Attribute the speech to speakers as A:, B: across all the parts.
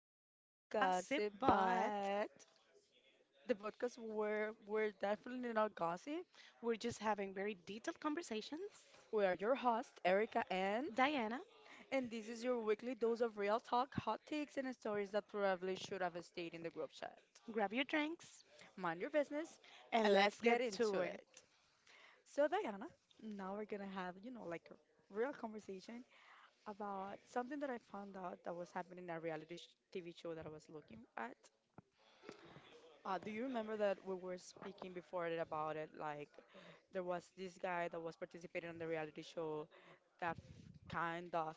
A: Not
B: Not
A: to
B: to Gossip,
A: Gossip,
B: but
A: but the podcast where we're definitely not gossip.
B: we're just having very detailed conversations.
A: We are your host, Erica Ann,
B: Diana,
A: and this is your weekly dose of real talk, hot takes, and stories that probably should have stayed in the group chat.
B: grab your drinks
A: Mind your business,
B: and
A: and let's
B: let's get
A: get into
B: to it.
A: it. So, Diana, now we're gonna have, like a real conversation about something that I found out that was happening in a reality sh- TV show that I was looking at. Do you remember that we were speaking before it about it? Like, there was this guy that was participating on the reality show that kind of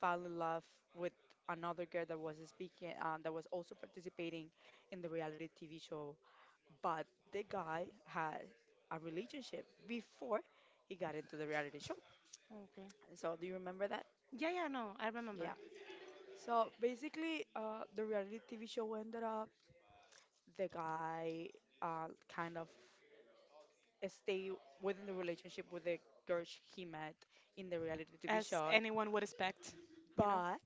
A: fell in love with another girl that was speaking, that was also participating in the reality TV show. But the guy had a relationship before he got into the reality show.
B: Okay.
A: So, do you remember that?
B: Yeah, yeah, no, I
A: Yeah.
B: remember.
A: So basically, the reality TV show ended up the guy uh, kind of stay within the relationship with the girl he met in the reality TV
B: As
A: show.
B: anyone would expect, you know?
A: But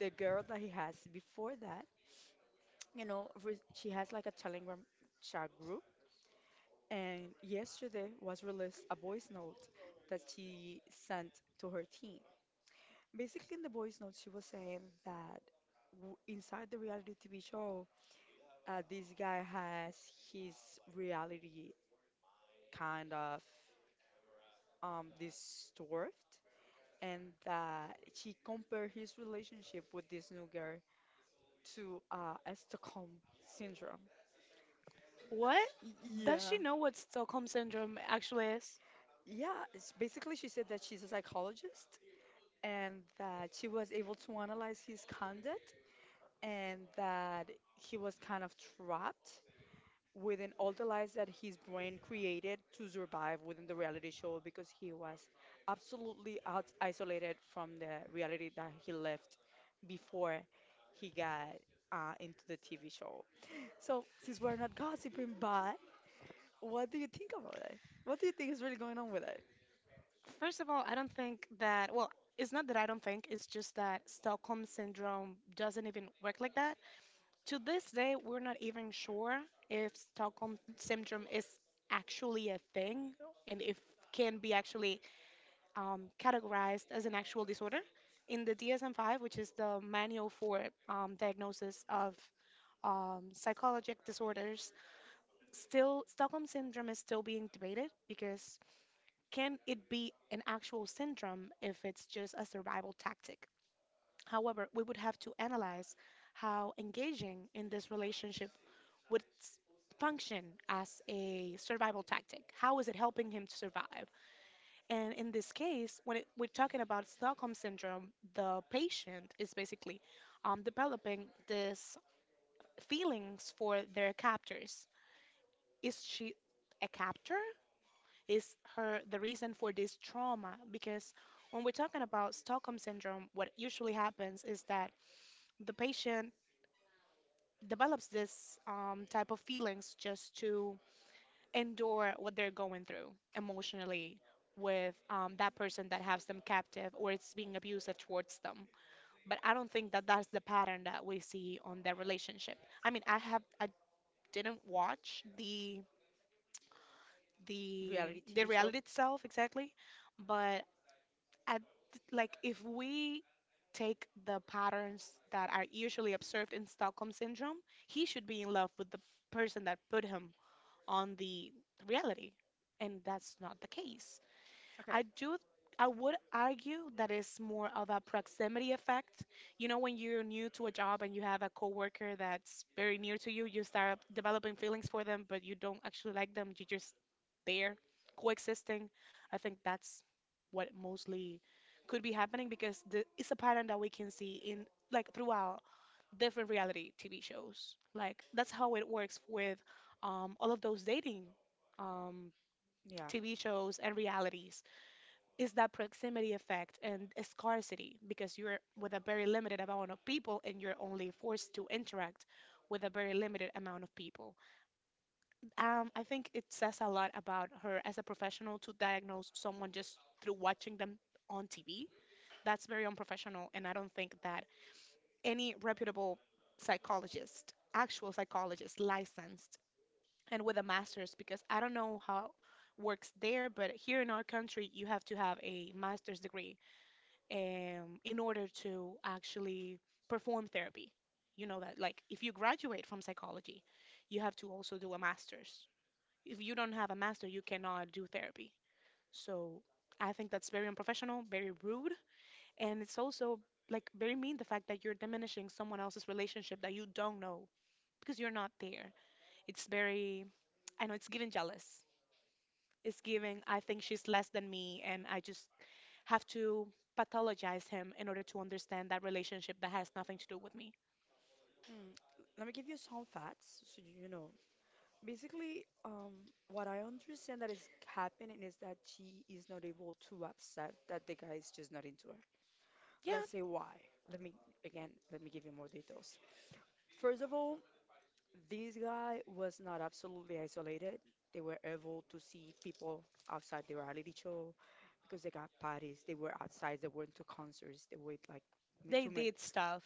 A: the girl that he has before that, she has like a Telegram chat group. And yesterday was released a voice note that she sent to her team. Basically, in the voice note, she was saying that inside the reality TV show, this guy has his reality kind of disturbed, and that he compared his relationship with this new girl to a Stockholm syndrome.
B: What? Does
A: Yeah,
B: she know what Stockholm Syndrome actually is?
A: yeah. It's basically, she said that she's a psychologist and that she was able to analyze his conduct and that he was kind of trapped within all the lies that his brain created to survive within the reality show because he was absolutely out isolated from the reality that he left before he got into the TV show. So, since we're not gossiping, but what do you think about it? What do you think is really going on with it?
B: First of all, I don't think that, well, it's not that I don't think, it's just that Stockholm Syndrome doesn't even work like that. To this day, we're not even sure if Stockholm syndrome is actually a thing and if can be actually categorized as an actual disorder. In the DSM-5, which is the manual for diagnosis of psychologic disorders, still Stockholm syndrome is still being debated because can it be an actual syndrome if it's just a survival tactic? However, we would have to analyze how engaging in this relationship would s- function as a survival tactic. How is it helping him to survive? And in this case, when it, we're talking about Stockholm syndrome, the patient is basically developing these feelings for their captors. Is she a captor? Is her the reason for this trauma? Because when we're talking about Stockholm syndrome, what usually happens is that the patient develops this type of feelings just to endure what they're going through emotionally with that person that has them captive or it's being abusive towards them. But I don't think that that's the pattern that we see on their relationship. I mean, I didn't watch the the
A: Reality
B: the
A: TV show?
B: reality itself exactly, but I like if we take the patterns that are usually observed in Stockholm syndrome, he should be in love with the person that put him on the reality, and that's not the case. I
A: Okay,
B: do I would argue that it's more of a proximity effect. You know, when you're new to a job and you have a coworker that's very near to you, you start developing feelings for them, but you don't actually like them. You're just there coexisting. I think that's what mostly could be happening because the, it's a pattern that we can see in like throughout different reality TV shows. Like that's how it works with all of those dating um,
A: yeah.
B: TV shows and realities is that proximity effect and scarcity because you're with a very limited amount of people and you're only forced to interact with a very limited amount of people. I think it says a lot about her as a professional to diagnose someone just through watching them on TV. That's very unprofessional, and I don't think that any reputable psychologist, actual psychologist, licensed and with a master's, because I don't know how works there, but here in our country, you have to have a master's degree in order to actually perform therapy. You know that, like, if you graduate from psychology, you have to also do a master's. If you don't have a master, you cannot do therapy. So I think that's very unprofessional, very rude, and it's also like very mean the fact that you're diminishing someone else's relationship that you don't know because you're not there. It's very, I know it's giving jealous. It's giving, I think she's less than me, and I just have to pathologize him in order to understand that relationship that has nothing to do with me.
A: Mm, let me give you some facts so you know. Basically, what I understand that is happening is that she is not able to accept that the guy is just not into her.
B: Yeah,
A: Let's say why. Let me again, let me give you more details. First of all, this guy was not absolutely isolated. They were able to see people outside the reality show because they got parties. They were outside. They went to concerts. They went like
B: they
A: to meet.
B: did stuff.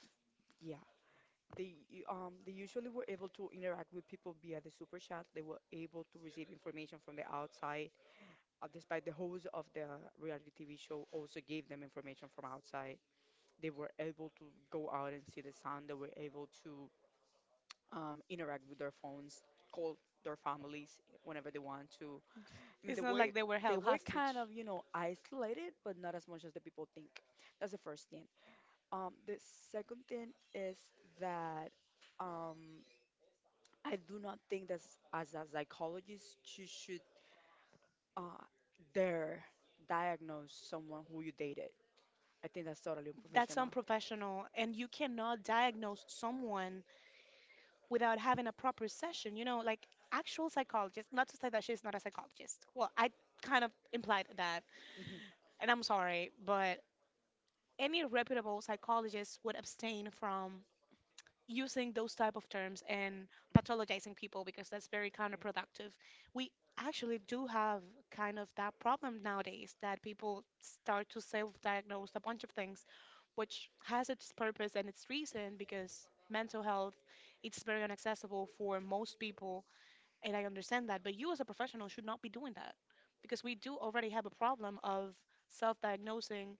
A: Yeah, they they usually were able to interact with people via the super chat. They were able to receive information from the outside. Despite the host of the reality TV show also gave them information from outside, they were able to go out and see the sun. They were able to interact with their phones, call their families whenever they want to. I mean,
B: It's not like they were
A: they
B: held
A: were kind
B: hostage.
A: of, you know, isolated, but not as much as the people think. That's the first thing. The second thing is that um, I do not think that as a psychologist you should uh, dare diagnose someone who you dated. I think that's totally
B: That's
A: unprofessional.
B: unprofessional, and you cannot diagnose someone without having a proper session. You know, like actual psychologist. Not to say that she's not a psychologist. Well, I kind of implied that,
A: Hmm.
B: and I'm sorry, but any reputable psychologist would abstain from using those type of terms and pathologizing people because that's very counterproductive. We actually do have kind of that problem nowadays that people start to self-diagnose a bunch of things, which has its purpose and its reason because mental health it's very inaccessible for most people and I understand that, but you as a professional should not be doing that because we do already have a problem of self-diagnosing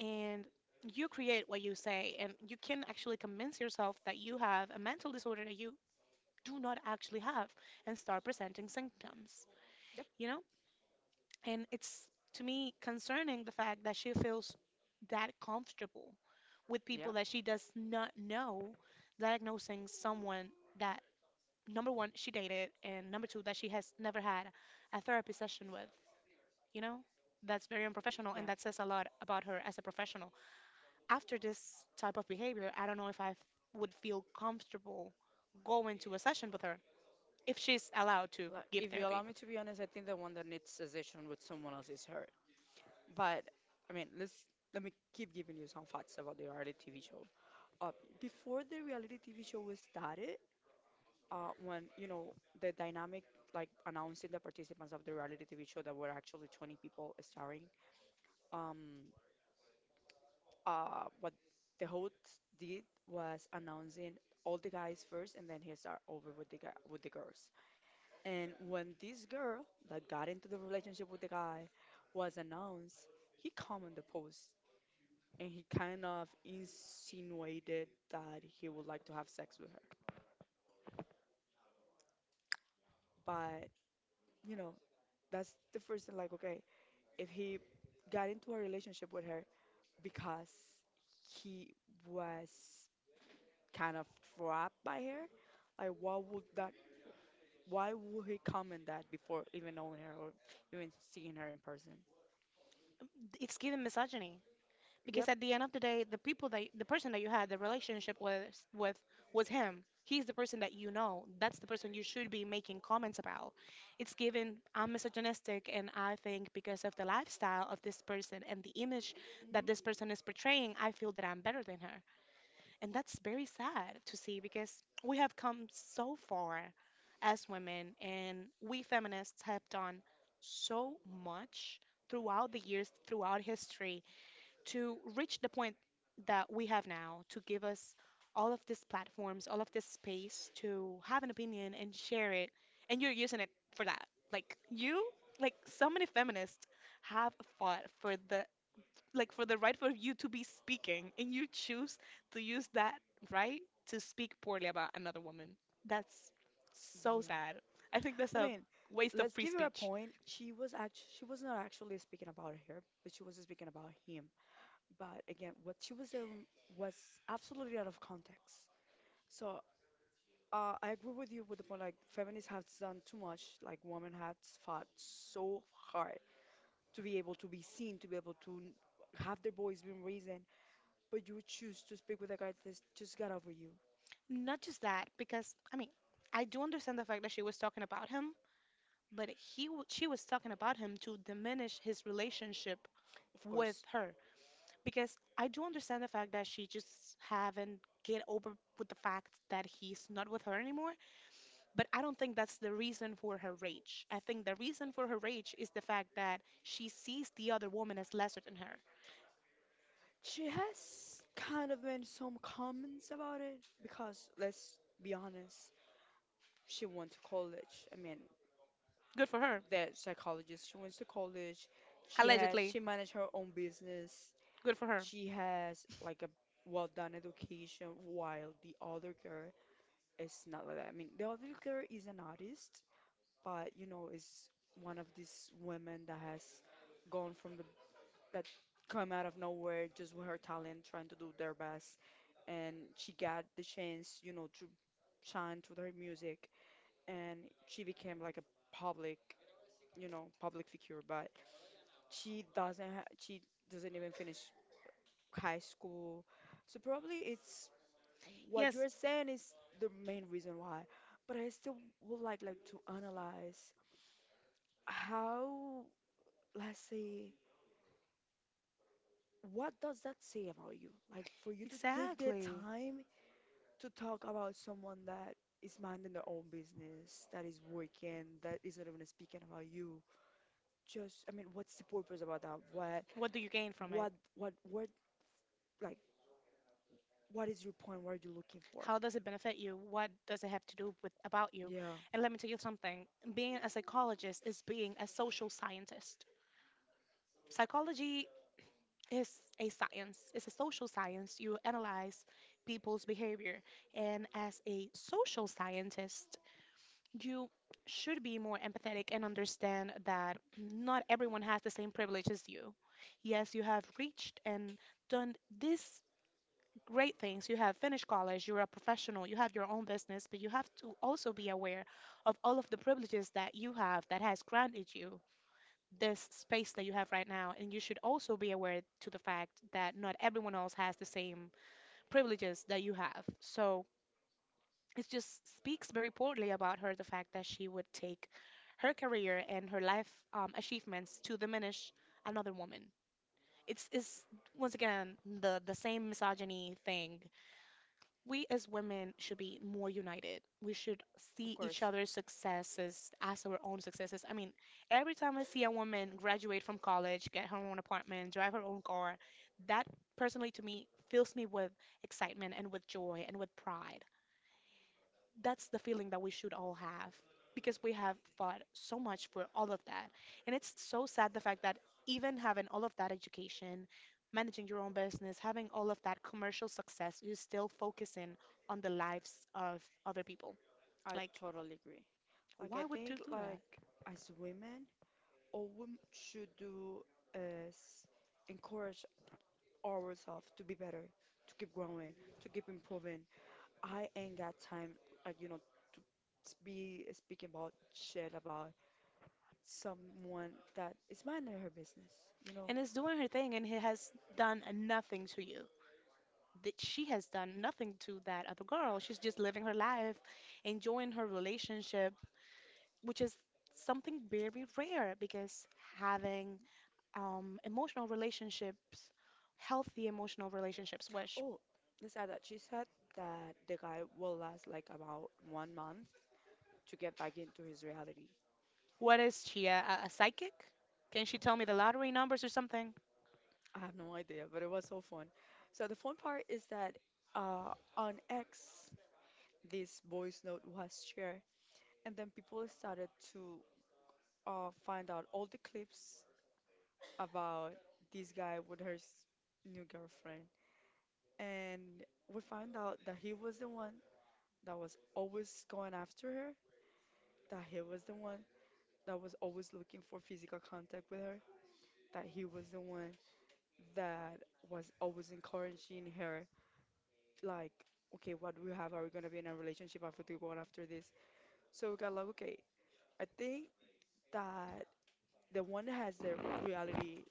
B: and you create what you say and you can actually convince yourself that you have a mental disorder that you do not actually have and start presenting symptoms
A: Yeah.
B: you know and it's to me concerning the fact that she feels that comfortable with people
A: Yeah.
B: that she does not know diagnosing someone that number one she dated and number two that she has never had a therapy session with you know that's very unprofessional and
A: Yeah.
B: that says a lot about her as a professional after this type of behavior, I don't know if I would feel comfortable going to a session with her if she's allowed to
A: Like,
B: give
A: if you allow
B: therapy.
A: me to be honest, I think the one that needs a session with someone else is her. But I mean, let's let me keep giving you some facts about the reality TV show. Uh, Before the reality TV show was started, when you know the dynamic, like announcing the participants of the reality TV show that were actually 20 people starring. Um, what the host did was announcing all the guys first, and then he start over with the with the girls. And when this girl that got into the relationship with the guy was announced, he commented the post and he kind of insinuated that he would like to have sex with her. But you know, that's the first thing. Like, okay, if he got into a relationship with her because he was kind of trapped by her. Like, why would that? Why would he comment that before even knowing her or even seeing her in person?
B: It's given misogyny
A: Yep.
B: because at the end of the day, the person that you had the relationship with with was him. He's the person that you know. That's the person you should be making comments about. It's given I'm misogynistic, and I think because of the lifestyle of this person and the image
A: Mhm.
B: that this person is portraying, I feel that I'm better than her. And that's very sad to see because we have come so far as women, and we feminists have done so much throughout the years, throughout history, to reach the point that we have now, to give us all of these platforms, all of this space to have an opinion and share it. And you're using it for that. Like, you, like, so many feminists have fought for the like for the right for you to be speaking and you choose to use that right to speak poorly about another woman. That's so
A: Yeah.
B: sad. I think that's
A: I
B: a
A: mean,
B: waste of
A: let's
B: free
A: give her a
B: speech.
A: point. She she was not actually speaking about her, but she was speaking about him. But again, what she was saying was absolutely out of context. So I agree with you with the point like feminists have done too much. Like women have fought so hard to be able to be seen, to be able to have their voice being reasoned, but you choose to speak with a guy that just got over you.
B: Not just that, because I mean, I do understand the fact that she was talking about him, but she was talking about him to diminish his relationship
A: Of
B: with
A: course,
B: her. Because I do understand the fact that she just haven't get over with the fact that he's not with her anymore. But I don't think that's the reason for her rage. I think the reason for her rage is the fact that she sees the other woman as lesser than her.
A: she has kind of made some comments about it because let's be honest, she went to college. I mean,
B: Good for her,
A: that psychologist, she went to college. She
B: allegedly.
A: managed her own business.
B: Good for her.
A: She has like a well-done education, while the other girl is not like that. I mean, the other girl is an artist, but you know, is one of these women that has gone from the that come out of nowhere just with her talent, trying to do their best, and she got the chance, you know, to shine through her music, and she became like a public, you know, public figure, but she doesn't even finish high school. So probably it's what
B: Yes,
A: you're saying is the main reason why. But I still would like to analyze how, let's say, what does that say about you? Like for you to take the
B: exactly.
A: time to talk about someone that is minding their own business, that is working, that is not even speaking about you. Just, I mean, what's the purpose about that?
B: What do you gain from it?
A: What, what, what, like, what is your point? What are you looking for?
B: How does it benefit you? What does it have to do with about you?
A: Yeah.
B: And let me tell you something. Being a psychologist is being a social scientist. Psychology, it's a science, it's a social science. You analyze people's behavior. And as a social scientist, you should be more empathetic and understand that not everyone has the same privilege as you. Yes, you have reached and done these great things. You have finished college, you're a professional, you have your own business, but you have to also be aware of all of the privileges that you have that has granted you this space that you have right now. And you should also be aware to the fact that not everyone else has the same privileges that you have. So it just speaks very poorly about her the fact that she would take her career and her life achievements to diminish another woman. It's once again the same misogyny thing. We as women should be more united. We should
A: Of
B: see each
A: course,
B: other's successes as our own successes. I mean, every time I see a woman graduate from college, get her own apartment, drive her own car, that personally to me fills me with excitement and with joy and with pride. That's the feeling that we should all have because we have fought so much for all of that. And it's so sad the fact that even having all of that education, managing your own business, having all of that commercial success, you're still focusing on the lives of other people.
A: I
B: Like,
A: totally agree. I
B: why would you
A: think
B: do that?
A: like as women, all women should do is encourage ourselves to be better, to keep growing, to keep improving. I ain't got time like you know to be speaking about shit about someone that is minding her business, you know.
B: And is doing her thing, and he has done nothing to you. That she has done nothing to that other girl. She's just living her life, enjoying her relationship, which is something very rare because having emotional relationships, healthy emotional relationships, which
A: Oh, let's add that she said that the guy will last like about 1 month to get back into his reality.
B: what is she, a psychic? Can she tell me the lottery numbers or something?
A: I have no idea, but it was so fun. So the fun part is that on X, this voice note was shared, and then people started to find out all the clips about this guy with her new girlfriend, and we found out that he was the one that was always going after her, that he was the one that was always looking for physical contact with her, that he was the one that was always encouraging her like, okay, what do we have? Are we gonna be in a relationship after we go after this? So we got like, okay, I think that the one that has the reality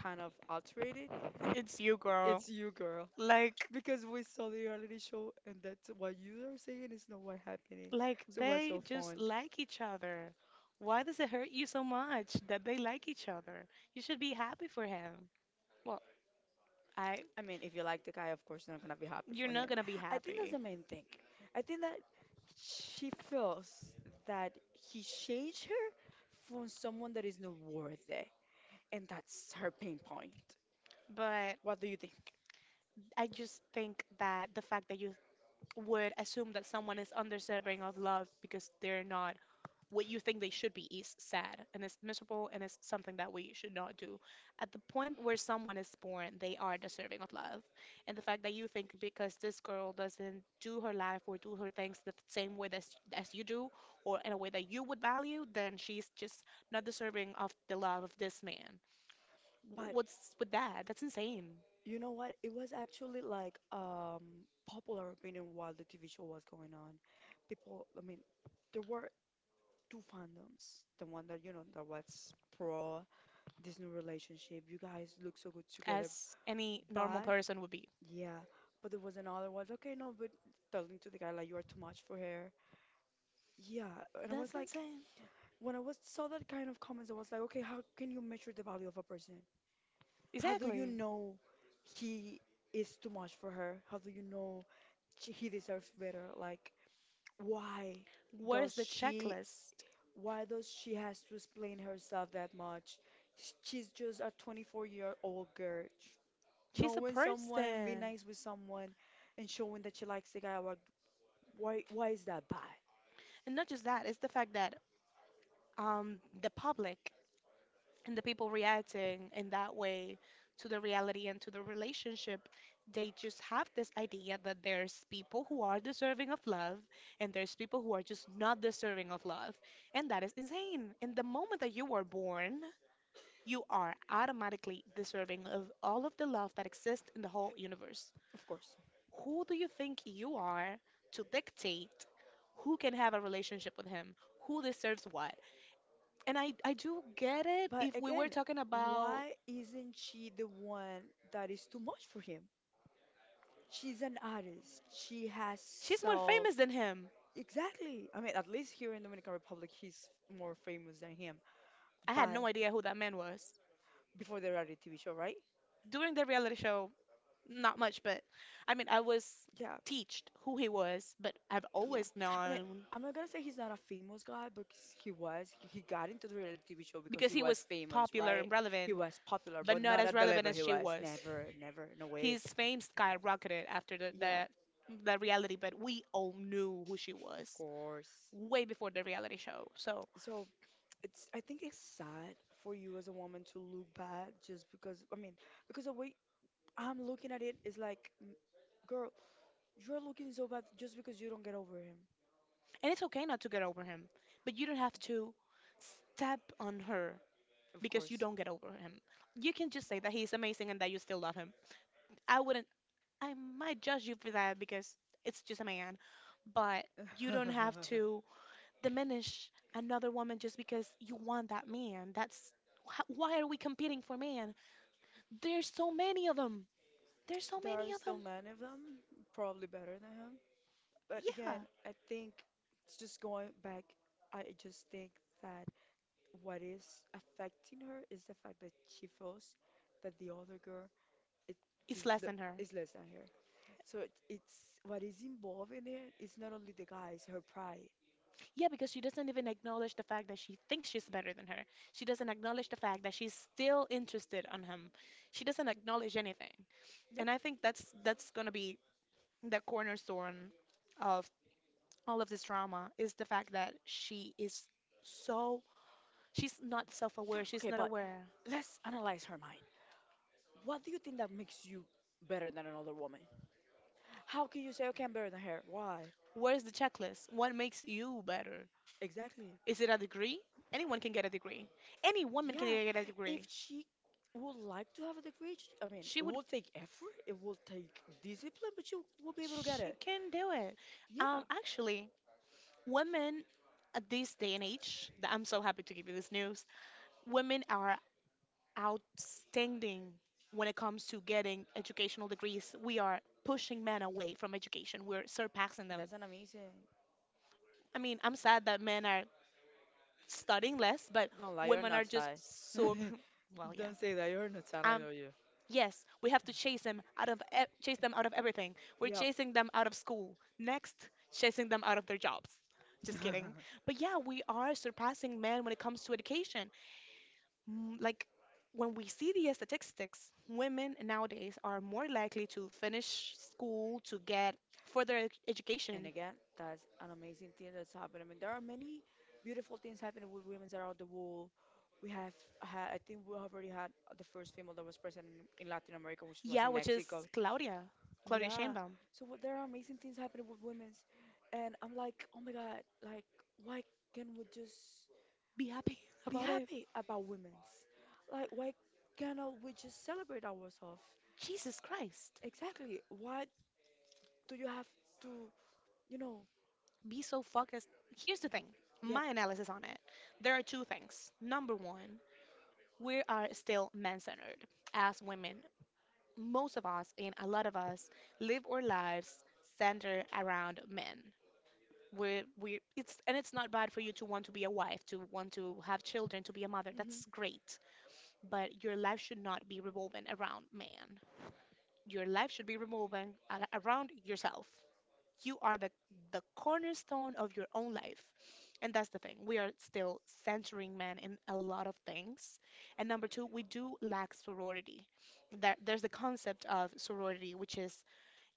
A: kind of alterated,
B: It's you, girl.
A: it's you, girl.
B: Like,
A: Because we saw the reality show and that's what you are saying is not what happening.
B: like
A: So it was
B: they
A: so fun.
B: just like each other. Why does it hurt you so much that they like each other? You should be happy for him. Well, I,
A: I mean, if you like the guy, of course you're not gonna be happy
B: you're
A: for
B: not
A: him.
B: gonna be
A: I think that's
B: happy,
A: the main thing. I think that she feels that he changed her from someone that is not worthy, and that's her pain point.
B: but
A: What do you think?
B: I just think that the fact that you would assume that someone is undeserving of love because they're not what you think they should be is sad and is miserable and is something that we should not do. At the point where someone is born, they are deserving of love. And the fact that you think because this girl doesn't do her life or do her things the same way as you do, or in a way that you would value, then she's just not deserving of the love of this man.
A: But
B: What's with that? That's insane.
A: you know what? It was actually like popular opinion while the TV show was going on. People, I mean, there were two fandoms. The one that you know that was pro this new relationship. You guys look so good together,
B: As any normal
A: but
B: person would be.
A: yeah, but there was another one. Okay, no, but telling to the guy like you are too much for her. Yeah, and I was
B: That's
A: like,
B: insane.
A: when I was saw that kind of comments, I was like, okay, how can you measure the value of a person? How do you
B: Exactly.
A: know he is too much for her? How do you know he deserves better? Like, why
B: Where's
A: does
B: the
A: she,
B: checklist?
A: why does she has to explain herself that much? She's just a 24-year-old girl.
B: She's a
A: Knowing someone and being
B: person.
A: nice with someone and showing that she likes the guy, like, why is that bad?
B: And not just that, it's the fact that the public and the people reacting in that way to the reality and to the relationship, they just have this idea that there's people who are deserving of love and there's people who are just not deserving of love. And that is insane. In the moment that you were born, you are automatically deserving of all of the love that exists in the whole universe.
A: Of course.
B: Who do you think you are to dictate who can have a relationship with him, who deserves what? And I do get it
A: But
B: if we were
A: again,
B: talking about
A: why isn't she the one that is too much for him? She's an artist. She has
B: she's more
A: soul.
B: famous than him.
A: Exactly. I mean, at least here in Dominican Republic, he's more famous than him.
B: I had
A: But
B: no idea who that man was.
A: before the reality TV show, right?
B: During the reality show, not much, but I mean, I was
A: Yeah,
B: teached who he was, but I've
A: yeah.
B: always
A: I mean,
B: known
A: I'm not gonna say he's not a famous guy, but he was. He got into the reality TV show because
B: because
A: he
B: he
A: was
B: was
A: famous,
B: popular
A: right?
B: and
A: He
B: relevant,
A: was popular,
B: but
A: but
B: not
A: not
B: as
A: at the
B: relevant
A: level
B: as
A: he
B: she
A: was.
B: was.
A: Never, never, no way.
B: His fame skyrocketed after
A: Yeah,
B: the reality, but we all knew who she
A: of
B: was
A: course.
B: way before the reality show. So,
A: So it's. I think it's sad for you as a woman to look bad just because. I mean, because the way I'm looking at it is like, girl, you're looking so bad just because you don't get over him,
B: and it's okay not to get over him, but you don't have to step on her
A: of
B: because you
A: course.
B: don't get over him. You can just say that he's amazing and that you still love him. I wouldn't, I might judge you for that because it's just a man, but you don't have to diminish another woman just because you want that man. That's why are we competing for man? There's so many of them. There's so
A: There are
B: many of them.
A: still many of them, probably better than him. But
B: Yeah,
A: again, I think it's just going back. I just think that what is affecting her is the fact that she feels that the other girl it
B: it's less than her.
A: is less than her. It's what is involved in here is not only the guys, her pride.
B: Yeah, because she doesn't even acknowledge the fact that she thinks she's better than her. She doesn't acknowledge the fact that she's still interested on him. She doesn't acknowledge anything.
A: Yep.
B: And I think that's gonna be the cornerstone of all of this drama is the fact that she is so, she's not self-aware. She's
A: Okay,
B: not
A: but
B: aware.
A: let's analyze her mind. What do you think that makes you better than another woman? How can you say I can better than her? Why?
B: Where's the checklist? What makes you better?
A: Exactly.
B: Is it a degree? Anyone can get a degree. Any woman can
A: Yeah.
B: get a
A: If
B: degree.
A: she would like to have a degree, I mean,
B: She
A: it
B: would
A: will take effort, it will take discipline, but she will be able to get
B: she
A: it.
B: can do it.
A: Yeah.
B: Actually, women at this day and age, I'm so happy to give you this news, women are outstanding when it comes to getting educational degrees. We are pushing men away from education, we're surpassing them.
A: That's an amazing.
B: I mean, I'm sad that men are studying less, but
A: Don't lie, you're
B: women
A: not
B: are just
A: shy. For
B: so well, yeah. Um
A: you.
B: yes, we have to chase them out of chase them out of everything. We're chasing them out of school. Next, chasing them out of their jobs. Just kidding. But yeah, we are surpassing men when it comes to education. Like when we see the statistics, women nowadays are more likely to finish school, to get further
A: And
B: education.
A: again, that's an amazing thing that's happened. I mean, there are many beautiful things happening with women around the world. We have I think we have already had the first female that was president in Latin America, which was
B: Yeah,
A: in
B: which is
A: Mexico.
B: Claudia, Claudia
A: Yeah.
B: Sheinbaum.
A: There are amazing things happening with women's, and I'm like, oh my God, like why can't we just
B: Be happy
A: be
B: about it.
A: happy about women's? Like why cannot we just celebrate ourselves?
B: Jesus Christ.
A: Exactly. Why do you have to, you know?
B: Be so focused. Here's the thing,
A: Yep.
B: my analysis on it. There are two things. Number one, we are still men centered as women. Most of us, and a lot of us, live our lives centered around men. We it's and it's not bad for you to want to be a wife, to want to have children, to be a mother.
A: hmm
B: That's great. But your life should not be revolving around man. Your life should be revolving around yourself. You are the cornerstone of your own life. And that's the thing. We are still centering men in a lot of things. And number two, we do lack sorority. There's the concept of sorority, which is,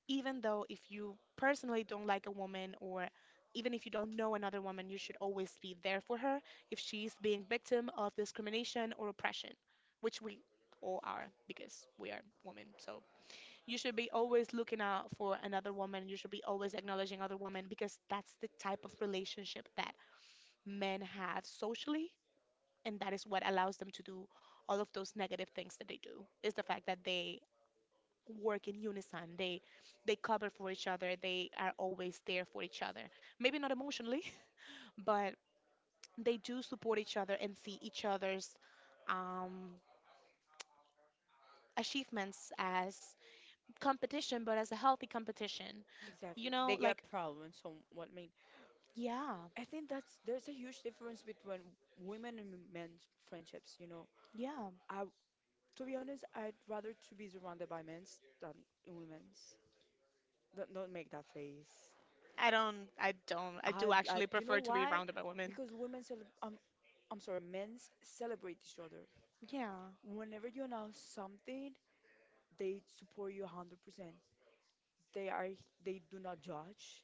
B: even though if you personally don't like a woman, or even if you don't know another woman, you should always be there for her if she's being victim of discrimination or oppression, which we all are because we are women. So you should be always looking out for another woman. You should be always acknowledging other women because that's the type of relationship that men have socially. And that is what allows them to do all of those negative things that they do, is the fact that they work in unison. They cover for each other. They are always there for each other. Maybe not emotionally, but they do support each other and see each other's um, achievements as competition, but as a healthy competition.
A: Exactly.
B: You
A: They
B: know,
A: get
B: like
A: proud when someone I mean.
B: yeah,
A: I think that's there's a huge difference between women and men's friendships, you know.
B: yeah.
A: I To be honest, I'd rather to be surrounded by men's than women's. Don't make that face.
B: I don't, I do actually
A: You know
B: prefer to be
A: why?
B: around by women.
A: Because women, I'm sorry, men's celebrate each other.
B: Yeah,
A: Whenever you announce something, they support you 100%. They are, they do not judge.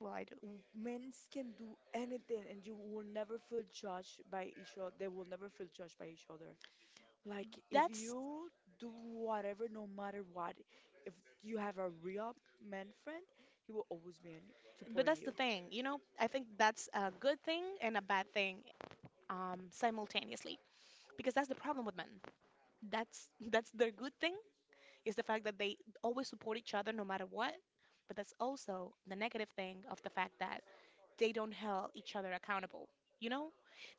B: well, I do.
A: Men's can do anything, and you will never feel judged by each other. They will never feel judged by each other. Like, if
B: That's,
A: you do whatever, no matter what, if you have a real man friend, he will always be
B: but
A: supporting
B: that's the
A: you.
B: thing, you know. I think that's a good thing and a bad thing, simultaneously, because that's the problem with men. That's that's their good thing, is the fact that they always support each other no matter what, but that's also the negative thing of the fact that they don't hold each other accountable, you know.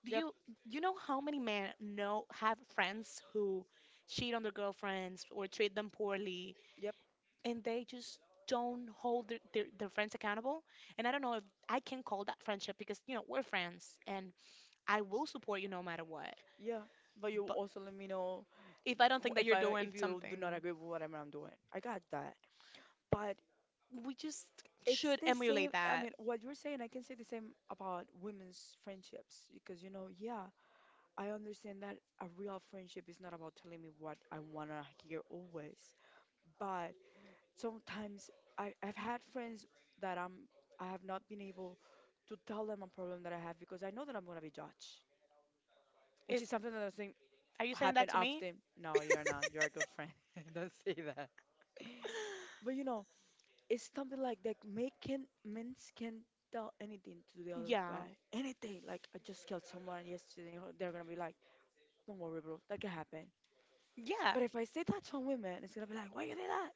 B: Do
A: Yep,
B: you You know how many men know have friends who cheat on their girlfriends or treat them poorly,
A: yep,
B: and they just don't hold their friends accountable. And I don't know if I can call that friendship, because you know, we're friends and I will support you no matter what,
A: yeah. But you
B: but
A: also let me know
B: if I don't
A: w-
B: think that
A: if
B: you're
A: I don't,
B: doing
A: if you do
B: something,
A: not agree with whatever I'm doing. I got that. But
B: we just
A: it's
B: should
A: the same.
B: emulate
A: I
B: that.
A: mean, what you're saying, I can say the same about women's friendships because you know, yeah, I understand that a real friendship is not about telling me what I wanna hear always, but sometimes I've had friends that I'm I have not been able to tell them a problem that I have because I know that I'm gonna be judged, which
B: Is
A: is something that doesn't
B: Are you saying that
A: happen
B: to me?
A: often. No, you're not. You're a good friend. Don't say that. But you know, it's something like that. Make can men can tell anything to the other
B: Yeah.
A: guy, anything. Like I just killed someone yesterday. Or They're gonna be like, "Don't worry, bro. That can happen."
B: Yeah.
A: But if I say that to a woman, it's gonna be like, "Why you did that?"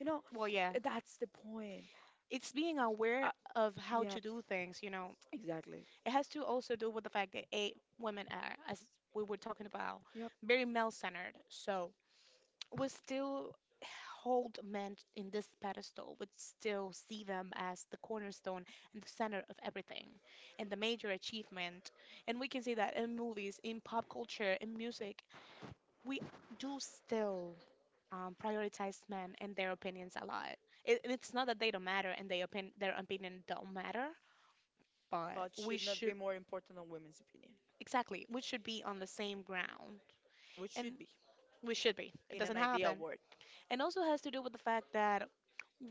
A: You know,
B: Well, yeah.
A: that's the point.
B: It's being aware
A: Uh,
B: of how
A: yeah,
B: to do things, you know.
A: exactly.
B: It has to also do with the fact that eight women are, as we were talking about,
A: Yep.
B: very male-centered. So we still hold men in this pedestal. We still see them as the cornerstone and the center of everything and the major achievement. And we can see that in movies, in pop culture, in music, we do still prioritize men and their opinions a lot. It, and it's not that they don't matter and they their opinion don't matter, but
A: But
B: we
A: should not be
B: should,
A: more important than women's opinion,
B: exactly, we should be on the same ground,
A: which
B: and
A: should be
B: we should be. It
A: in an
B: doesn't
A: ideal
B: happen,
A: world.
B: and also has to do with the fact that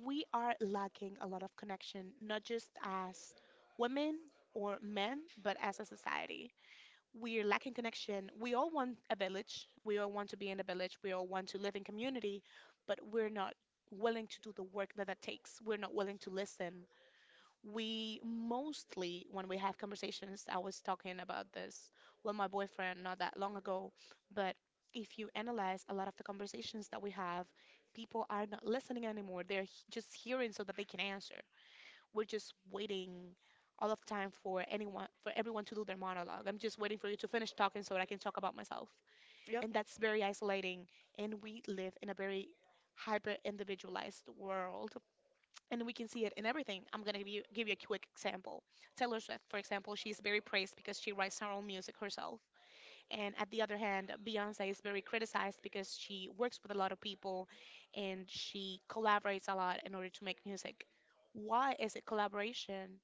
B: we are lacking a lot of connection, not just as women or men, but as a society. We're lacking connection. We all want a village. We all want to be in a village. We all want to live in community, but we're not willing to do the work that that takes. We're not willing to listen. We mostly, when we have conversations, I was talking about this with my boyfriend not that long ago, but if you analyze a lot of the conversations that we have, people are not listening anymore. They're just hearing so that they can answer. We're just waiting all of the time for anyone, for everyone to do their monologue. I'm just waiting for you to finish talking so that I can talk about myself.
A: Yep.
B: And that's very isolating, and we live in a very hyper individualized world, and we can see it in everything. I'm going to give you a quick example. Taylor Swift, for example, she's very praised because she writes her own music herself. And at the other hand, Beyonce is very criticized because she works with a lot of people and she collaborates a lot in order to make music. Why is it collaboration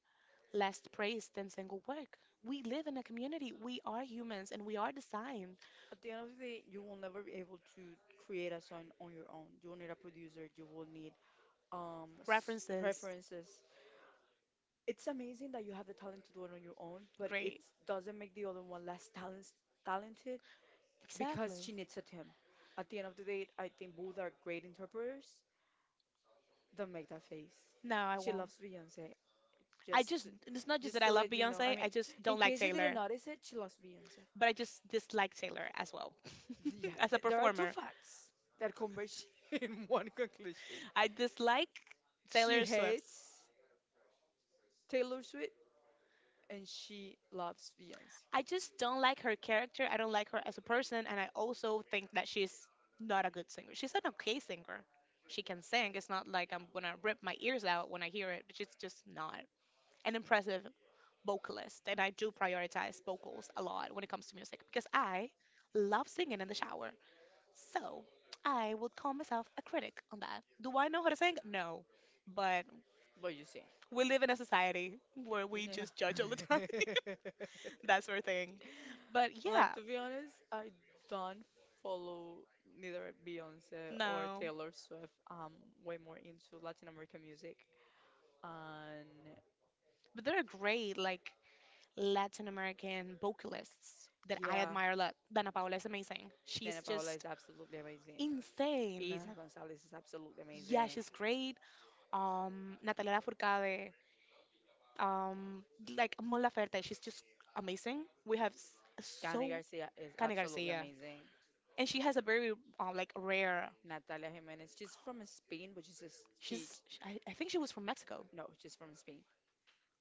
B: less praise than single work? We live in a community, we are humans, and we are designed.
A: At the end of the day, you will never be able to create a song on your own. You will need a producer. You will need um s-
B: References,
A: references. It's amazing that you have the talent to do it on your own, but it
B: great.
A: doesn't make the other one less talent talented because
B: Exactly.
A: she needs a team. At the end of the day, I think both are great interpreters, don't make that face.
B: No, I
A: She
B: won't.
A: loves Beyoncé.
B: I
A: Just,
B: just,
A: to-
B: it's not just that
A: just
B: I
A: to
B: love
A: let you know. I
B: Beyonce, I
A: mean,
B: just
A: in
B: don't like
A: case you didn't
B: Taylor.
A: notice it, she loves Beyoncé.
B: But I just dislike Taylor as well,
A: Yeah,
B: as a
A: there are two
B: performer.
A: facts that converge in one conclusion.
B: I dislike
A: She
B: Taylor Swift.
A: hates Taylor Swift and she loves Beyoncé.
B: I just don't like her character. I don't like her as a person, and I also think that she's not a good singer. She's an okay singer. She can sing. It's not like I'm gonna rip my ears out when I hear it, but she's just not an impressive vocalist. And I do prioritize vocals a lot when it comes to music because I love singing in the shower. So I would call myself a critic on that. Do I know how to sing? No. But
A: What you say?
B: we live in a society where we
A: Yeah.
B: just judge all the time, that sort of thing. But
A: Like
B: yeah,
A: to be honest, I don't follow neither Beyonce or
B: no.
A: Taylor Swift. I'm way more into Latin American music, and
B: But there are great like Latin American vocalists that I
A: yeah,
B: admire a lot. Dana Paola is amazing. She's
A: Dana Paola
B: just
A: is absolutely amazing.
B: insane.
A: Isa Gonzalez is absolutely
B: Yeah,
A: amazing.
B: she's great. Natalia Lafourcade, um, like Mon Laferte, she's just amazing. We have
A: Dani
B: so,
A: Garcia is
B: Cani
A: absolutely
B: Garcia,
A: amazing.
B: and she has a very like rare.
A: Natalia Jimenez, she's from Spain, but
B: I think she was from Mexico.
A: no, she's from Spain.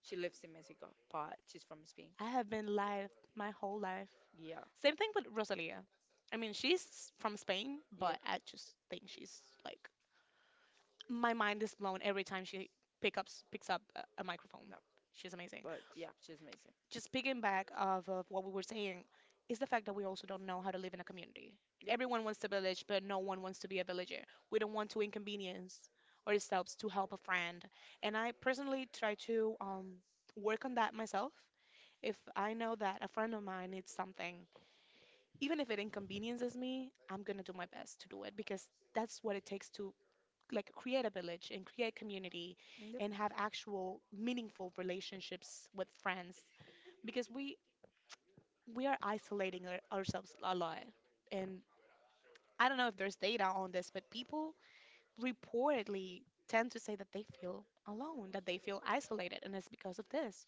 A: She lives in Mexico, but she's from Spain.
B: I have been live my whole life.
A: Yeah,
B: Same thing with Rosalia. I mean, she's from Spain, but
A: yep,
B: I just think she's like, my mind is blown every time she picks up a microphone.
A: no,
B: She's amazing.
A: but yeah, she's amazing.
B: Just picking back of what we were saying is the fact that we also don't know how to live in a community.
A: Yep,
B: Everyone wants to village, but no one wants to be a villager. We don't want to inconvenience ourselves to help a friend. And I personally try to work on that myself. If I know that a friend of mine needs something, even if it inconveniences me, I'm gonna do my best to do it because that's what it takes to like create a village and create community and have actual meaningful relationships with friends because we are isolating ourselves a lot, and I don't know if there's data on this, but people reportedly tend to say that they feel alone, that they feel isolated, and it's because of this.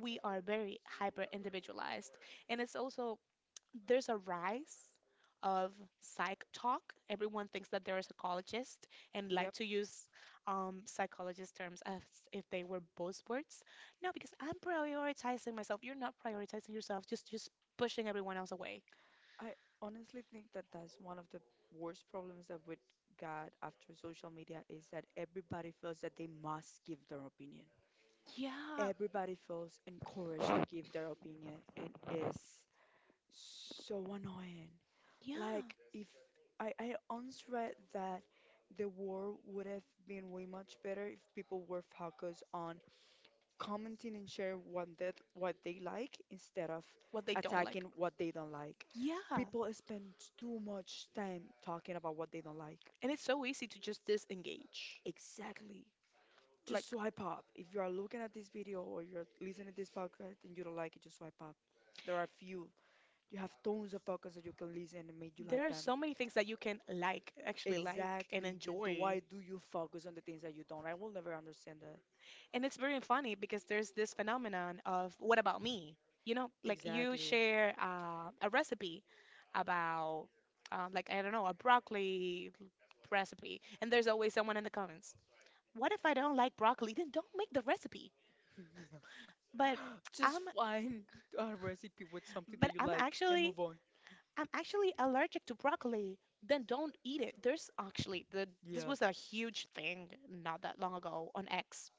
B: We are very hyper individualized, and it's also there's a rise of psych talk. Everyone thinks that they're a psychologist and like to
A: yep.
B: use psychologist terms as if they were buzzwords. No, because I'm prioritizing myself. You're not prioritizing yourself, just pushing everyone else away.
A: I honestly think that that's one of the worst problems that we got after social media is that everybody feels that they must give their opinion.
B: Yeah,
A: Everybody feels encouraged to give their opinion and is so annoying.
B: yeah.
A: Like if I, I once read that the war would have been way much better if people were focused on commenting and share what they like instead of
B: What they don't
A: attacking
B: like.
A: what they don't like.
B: Yeah.
A: People spend too much time talking about what they don't like.
B: And it's so easy to just disengage.
A: Exactly.
B: Like
A: Just swipe up. If you are looking at this video or you're listening to this podcast and you don't like it, just swipe up. There are few. You have tons of podcasts that you can listen and make you
B: there
A: like
B: are
A: them.
B: so many things that you can like, actually like and
A: Exactly.
B: enjoy.
A: Why do you focus on the things that you don't? I will never understand that.
B: And it's very funny because there's this phenomenon of what about me? You know, like you
A: Exactly.
B: share a recipe about, like, I don't know, a broccoli recipe, and there's always someone in the comments, what if I don't like broccoli? Then don't make the recipe. But
A: Just
B: I'm,
A: find a recipe with something
B: but
A: that you
B: I'm
A: like and
B: actually,
A: move on.
B: I'm actually allergic to broccoli. Then don't eat it. This
A: Yeah.
B: was a huge thing not that long ago on X,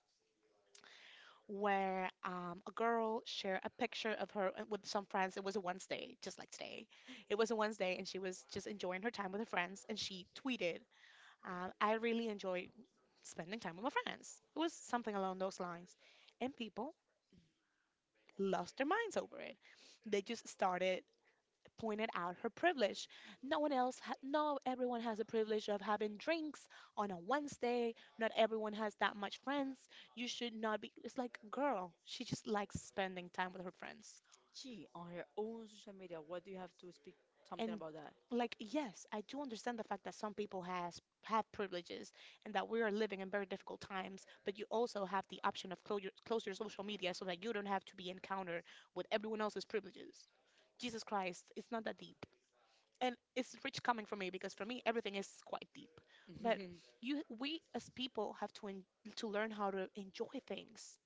B: where a girl shared a picture of her with some friends. It was a Wednesday, just like today. It was a Wednesday, and she was just enjoying her time with her friends. And she tweeted, "I really enjoy spending time with my friends." It was something along those lines, and people lost their minds over it. They just started pointed out her privilege. No, everyone has the privilege of having drinks on a Wednesday. Not everyone has that much friends. You should not be. It's like, girl, she just likes spending time with her friends.
A: Gee, on your own social media, what do you have to speak something
B: And
A: about that?
B: like, yes, I do understand the fact that some people has have privileges and that we are living in very difficult times. But you also have the option of close your social media so that you don't have to be encountered with everyone else's privileges. Jesus Christ, it's not that deep. And it's rich coming from me because for me everything is quite deep, but
A: Mhm.
B: you we as people have to learn how to enjoy things.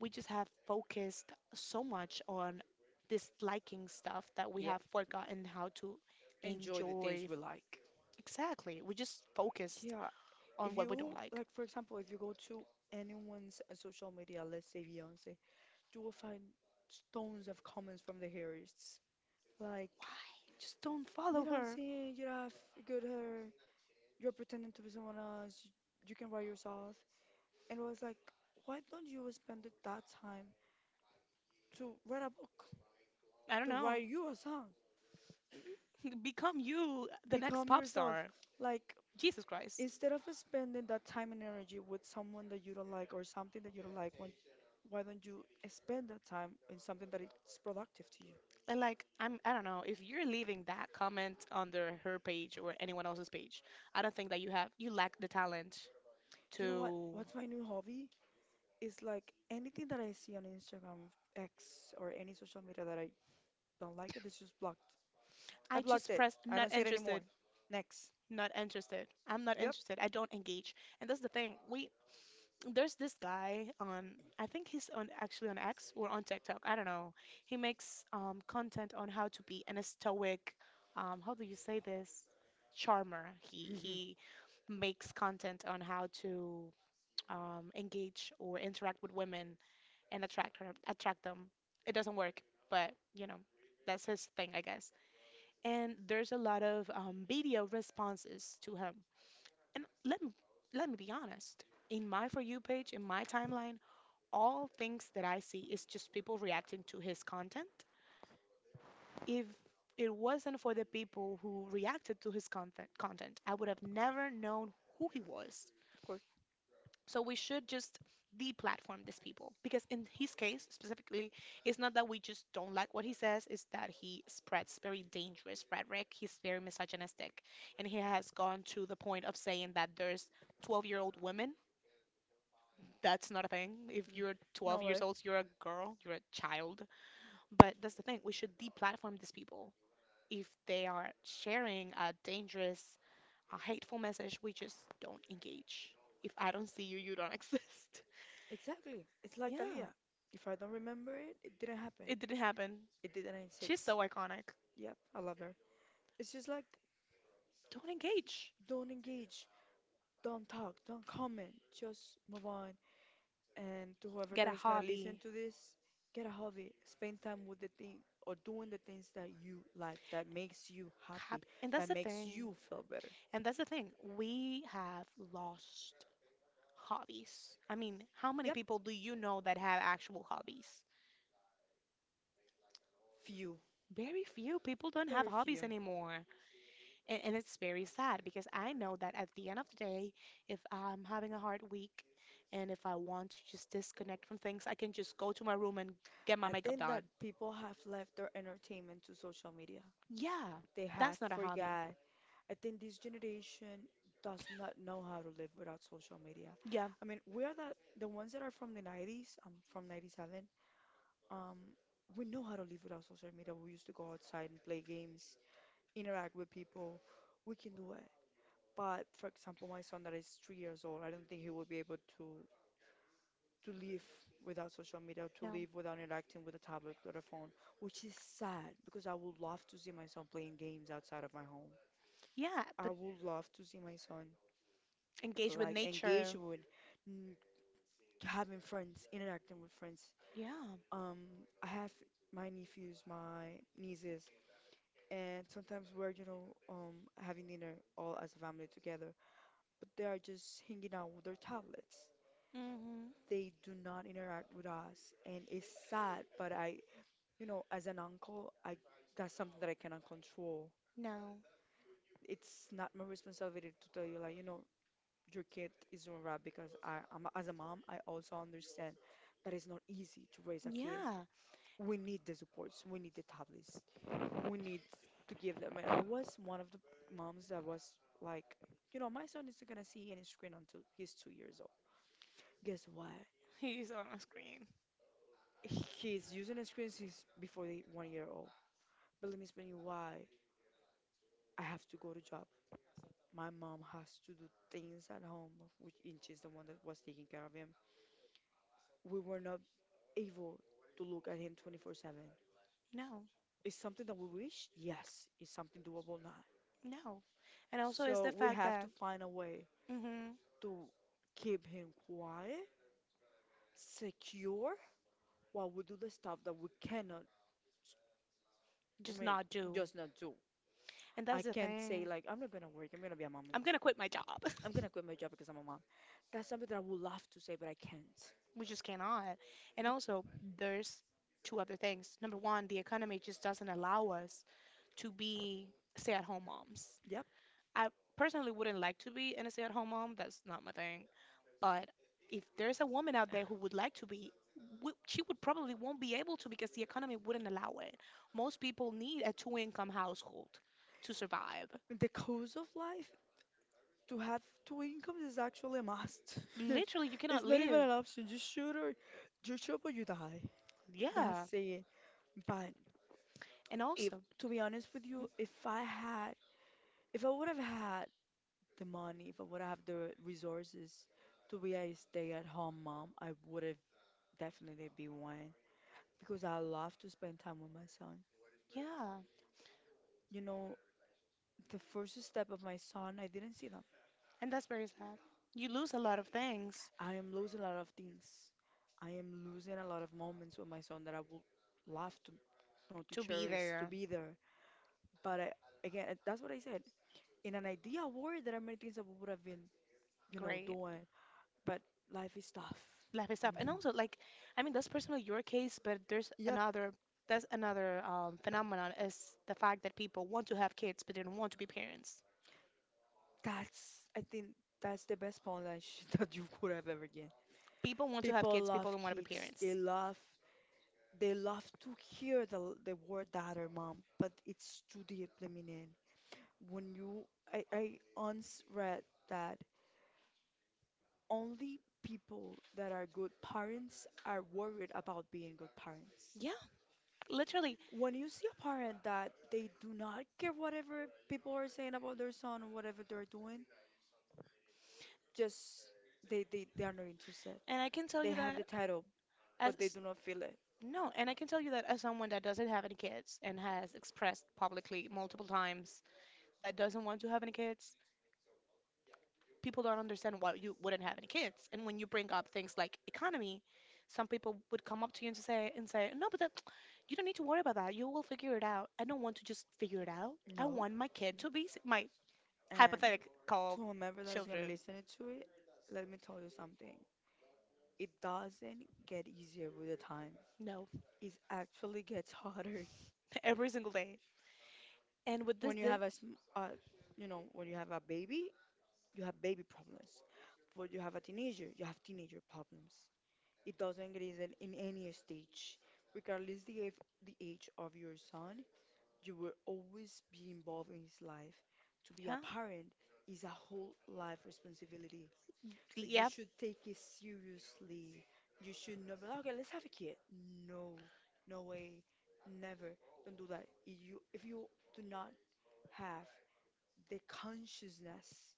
B: We just have focused so much on this liking stuff that we
A: Yep.
B: have forgotten how to
A: Enjoy the things
B: enjoy.
A: we like.
B: Exactly, we just focused
A: Yeah,
B: on
A: if
B: what we don't
A: you
B: like.
A: like, for example, if you go to anyone's social media, let's say Beyonce, you will find stones of comments from the haters. Like,
B: Why just don't
A: you
B: follow
A: don't
B: her?
A: sing, you don't have good hair, you're pretending to be someone else, you can write yourself. And was like, why don't you spend it that time to read a book,
B: I don't
A: to
B: know.
A: write you a song,
B: Become you the next
A: become
B: pop
A: yourself?
B: star.
A: Like,
B: Jesus Christ.
A: instead of spending that time and energy with someone that you don't like or something that you don't like, when, why don't you spend that time in something that is productive to you?
B: And like I don't know if you're leaving that comment under her page or anyone else's page. I don't think that you lack the talent
A: You know what?
B: to.
A: What's my new hobby? Is like anything that I see on Instagram, X, or any social media that I don't like it, it's just blocked. I
B: I
A: blocked
B: just
A: it.
B: pressed
A: I don't
B: not
A: see it anymore.
B: interested,
A: Next.
B: not interested. I'm not
A: Yep.
B: interested. I don't engage. And that's the thing. We There's this guy on, I think he's on actually on X or on TikTok. I don't know. He makes content on how to be an stoic. How do you say this? Charmer. He he makes content on how to engage or interact with women and attract them. It doesn't work, but you know, that's his thing, I guess. And there's a lot of media responses to him. And let me be honest. In my for you page, in my timeline, all things that I see is just people reacting to his content. If it wasn't for the people who reacted to his content, I would have never known who he was.
A: Of course.
B: So we should just deplatform these people because in his case specifically, it's not that we just don't like what he says, it's that he spreads very dangerous rhetoric. He's very misogynistic, and he has gone to the point of saying that there's 12-year-old women. That's not a thing. If
A: Mm.
B: you're 12
A: No
B: years
A: way.
B: old, you're a girl, you're a child. But that's the thing. We should deplatform these people if they are sharing a dangerous, a hateful message. We just don't engage. If I don't see you, you don't exist.
A: Exactly. It's like
B: Yeah.
A: Thalia. If I don't remember it, it didn't happen.
B: It didn't happen.
A: It did in
B: She's
A: 96.
B: so iconic.
A: Yep, I love her. It's just like
B: Don't engage.
A: don't engage, don't talk, don't comment, just move on. And to whoever
B: Get
A: that
B: a
A: is gonna listen
B: hobby.
A: to this, get a hobby. Spend time with the thing or doing the things that you like, that makes you happy,
B: Hobby. And that's
A: that
B: the
A: makes
B: thing.
A: you feel better.
B: And that's the thing. We have lost hobbies. I mean, how many
A: Yep,
B: people do you know that have actual hobbies?
A: few,
B: Very few people don't have
A: very
B: hobbies
A: few.
B: anymore. And it's very sad because I know that at the end of the day, if I'm having a hard week and if I want to just disconnect from things, I can just go to my room and get my
A: I
B: makeup
A: think that
B: done.
A: people have left their entertainment to social media.
B: Yeah,
A: They have
B: that's not a hobby.
A: forgot. I think this generation does not know how to live without social media.
B: Yeah,
A: I mean, we are the ones that are from the 90s, I'm from 97. Um, we know how to live without social media. We used to go outside and play games, interact with people. We can do it. But for example, my son that is 3 years old, I don't think he will be able to live without social media, to
B: no.
A: live without interacting with a tablet or a phone, which is sad because I would love to see my son playing games outside of my home.
B: Yeah,
A: I
B: but
A: would love to see my son
B: engage with
A: like engage
B: nature.
A: with n- having friends, interacting with friends.
B: Yeah.
A: Um, I have my nephews, my nieces, and sometimes we're, you know, having dinner all as a family together, but they are just hanging out with their tablets.
B: Mm-hmm.
A: They do not interact with us, and it's sad, you know, as an uncle, I that's something that I cannot control.
B: No.
A: It's not my responsibility to tell you, like, you know, your kid is doing right because I'm, as a mom, I also understand that it's not easy to raise a kid.
B: Yeah.
A: We need the supports, we need the tablets, we need to give them. And I was one of the moms that was like, you know, my son isn't gonna see any screen until he's 2 years old. Guess what?
B: He's on a screen.
A: He's using a screen since before the 1 year old. But let me explain you why I have to go to job. My mom has to do things at home, which and she's the one that was taking care of him. We were not able to look at him 24/7.
B: No.
A: Is something that we wish? Yes. Is something doable? Not.
B: No. And also, it's the
A: So we
B: fact
A: have
B: that
A: to find a way
B: mm-hmm,
A: to keep him quiet, secure, while we do the stuff that we cannot, I
B: just
A: mean,
B: not do.
A: just not do.
B: And
A: I
B: that's the
A: can't say,
B: thing.
A: like, I'm not gonna work, I'm gonna be a mom.
B: I'm gonna quit my job.
A: I'm gonna quit my job because I'm a mom. That's something that I would love to say, but I can't.
B: We just cannot. And
A: Be-
B: also, there's two other things. Number one, the economy just doesn't allow us to be stay-at-home moms.
A: yep.
B: I personally wouldn't like to be in a stay-at-home mom. That's not my thing. But if there's a woman out there who would like to be, she would probably won't be able to because the economy wouldn't allow it. Most people need a two-income household to survive.
A: The course of life To have two incomes is actually a must.
B: Literally, you cannot
A: It's not even
B: live.
A: an option. You shoot or you chop or you die.
B: Yeah.
A: That's it. But
B: And
A: if,
B: also,
A: to be honest with you,
B: mm,
A: if I would have had the money, if I would have the resources to be a stay-at-home mom, I would have definitely been one because I love to spend time with my son.
B: yeah.
A: You know, the first step of my son, I didn't see them.
B: And that's very sad. You lose a lot of things
A: I am losing a lot of things. I am losing a lot of moments with my son that I would love to
B: to be
A: cherish, to
B: there.
A: be there. But again, that's what I said. In an ideal world, there are many things that we would have been,
B: Great.
A: doing. But life is tough.
B: Life is tough. And
A: Mhm.
B: also, like, I mean, that's personally your case, but there's
A: Yep,
B: another. That's another phenomenon is the fact that people want to have kids but they don't want to be parents.
A: that's. I think that's the best punch that you could have ever given.
B: People want to have
A: People
B: kids,
A: love
B: people don't want to be
A: kids. They
B: parents.
A: love. They love to hear the word dad or mom, but it's too deep the meaning. when you I once read that only people that are good parents are worried about being good parents.
B: Yeah, literally.
A: When you see a parent that they do not care whatever people are saying about their son or whatever they're doing, just they are not interested.
B: And I can tell
A: They
B: you
A: have
B: that
A: the title, but they
B: as
A: do not feel it.
B: No, and I can tell you that as someone that doesn't have any kids and has expressed publicly multiple times that doesn't want to have any kids, people don't understand why you wouldn't have any kids. And when you bring up things like economy, some people would come up to you and say, "No, but that, you don't need to worry about that. You will figure it out." I don't want to just figure it out. I
A: No.
B: want my kid to be my
A: And
B: hypothetical
A: to whomever that is going to
B: children.
A: listen to it, let me tell you something. It doesn't get easier with the time.
B: No,
A: It actually gets harder
B: every single day. And with this,
A: when you
B: the,
A: have a baby, you have baby problems. When you have a teenager, you have teenager problems. It doesn't get easier in any stage, regardless the age of your son. You will always be involved in his life. To be
B: yeah,
A: a parent is a whole life responsibility. So you
B: yep,
A: should take it seriously. You should not be like, okay, let's have a kid. No, no way, never. Don't do that. If you do not have the consciousness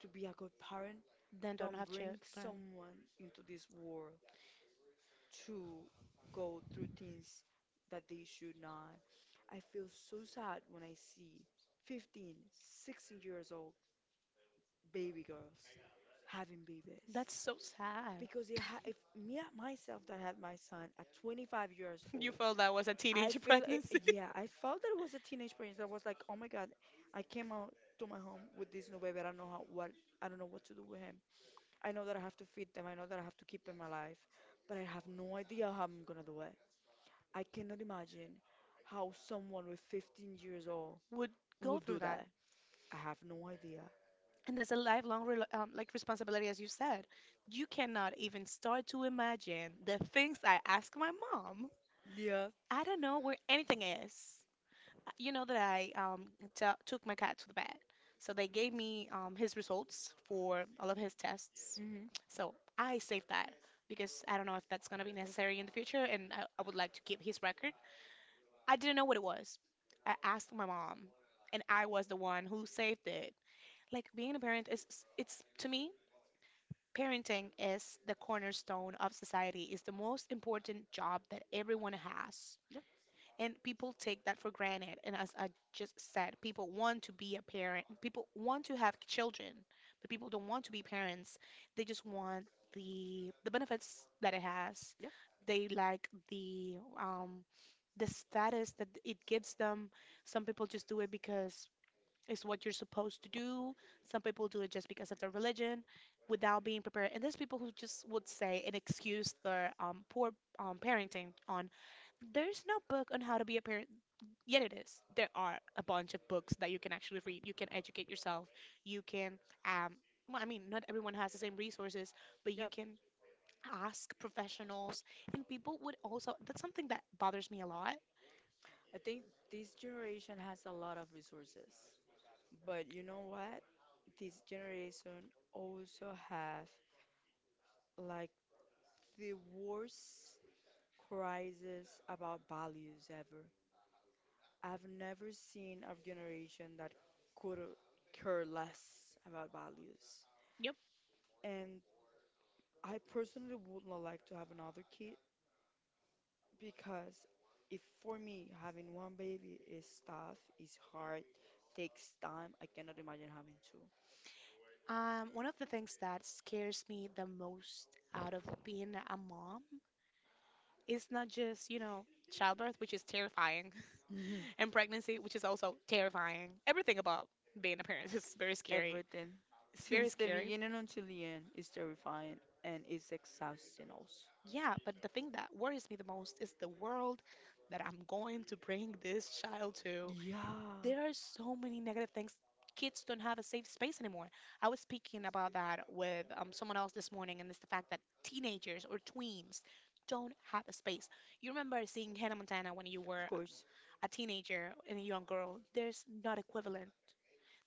A: to be a good parent,
B: then don't
A: don't
B: have
A: bring
B: children.
A: someone into this world to go through things that they should not. I feel so sad when I see 15, 16 years old baby girls having babies.
B: That's so sad.
A: Because it ha if me myself that had my son at 25 years
B: You
A: old,
B: felt that was a
A: I
B: teenage
A: feel it,
B: pregnancy.
A: yeah, I felt that it was a teenage experience. I was like, oh my God, I came out to my home with this new baby. I don't know what to do with him. I know that I have to feed them. I know that I have to keep him alive, but I have no idea how I'm gonna do it. I cannot imagine how someone with 15 years old
B: Would go
A: would
B: through
A: do
B: that,
A: that. I have no idea.
B: and that's a lifelong rel like responsibility, as you said. You cannot even start to imagine the things I ask my mom.
A: Yeah.
B: I don't know where anything is. You know that I took my cat to the vet. So they gave me his results for all of his tests.
A: Hmm. Mm-hmm.
B: So I saved that because I don't know if that's going to be necessary in the future and I would like to keep his record. I didn't know what it was. I asked my mom and I was the one who saved it. Like being a parent is it's to me parenting is the cornerstone of society. It's the most important job that everyone has.
A: Yep.
B: And people take that for granted. And as I just said, people want to be a parent, people want to have children, but people don't want to be parents. They just want the benefits that it has.
A: Yep.
B: They like um the status that it gives them. Some people just do it because it's what you're supposed to do. Some people do it just because of their religion without being prepared. And there's people who just would say and excuse their poor parenting on there's no book on how to be a parent. Yet it is. There are a bunch of books that you can actually read. You can educate yourself. You can, um, well, I mean, not everyone has the same resources, but you
A: Yep.
B: can ask professionals. And people would also, that's something that bothers me a lot.
A: I think this generation has a lot of resources, but you know what? This generation also have like the worst crisis about values ever. I've never seen a generation that could care less about values.
B: Yep.
A: And I personally would not like to have another kid because if for me having one baby is tough, is hard, takes time, I cannot imagine having
B: One of the things that scares me the most out of being a mom is not just, you know, childbirth, which is terrifying,
A: two.
B: and pregnancy, which is also terrifying. Everything about being a parent is very scary.
A: Everything
B: It's very
A: since the
B: scary.
A: beginning until the end is terrifying and it's exhausting also.
B: Yeah, but the thing that worries me the most is the world that I'm going to bring this child to.
A: Yeah, of
B: There are so many negative things. Kids don't have a safe space anymore. I was speaking about that with someone else this morning, and it's the fact that teenagers or tweens don't have a space. You remember seeing Hannah Montana when you were
A: course.
B: a teenager and a young girl? There's not equivalent.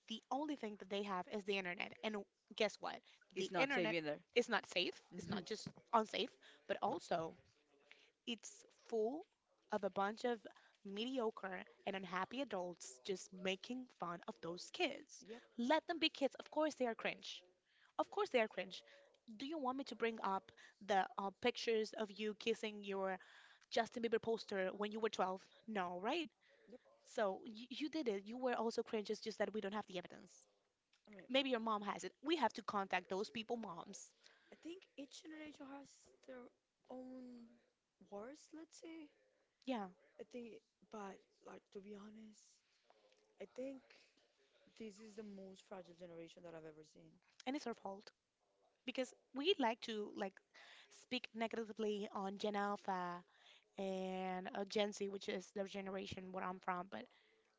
B: The only thing that they have is the internet. And guess what? The
A: It's not safe
B: internet
A: either.
B: is not safe. It's not just unsafe, but also it's full of a bunch of mediocre and unhappy adults just making fun of those kids.
A: Yep,
B: Let them be kids. Of course they are cringe. Of course they are cringe. Do you want me to bring up the pictures of you kissing your Justin Bieber poster when you were 12? No, right?
A: yep.
B: So you did it. You were also cringe. It's just that we don't have the evidence.
A: I mean,
B: Maybe your mom has it. We have to contact those people, moms.
A: I think each generation has their own wars, let's say.
B: Yeah,
A: I think, but like to be honest, I think this is the most fragile generation that I've ever seen.
B: and it's her fault, because we like to like speak negatively on Gen Alpha and Gen Z, which is the generation where I'm from. But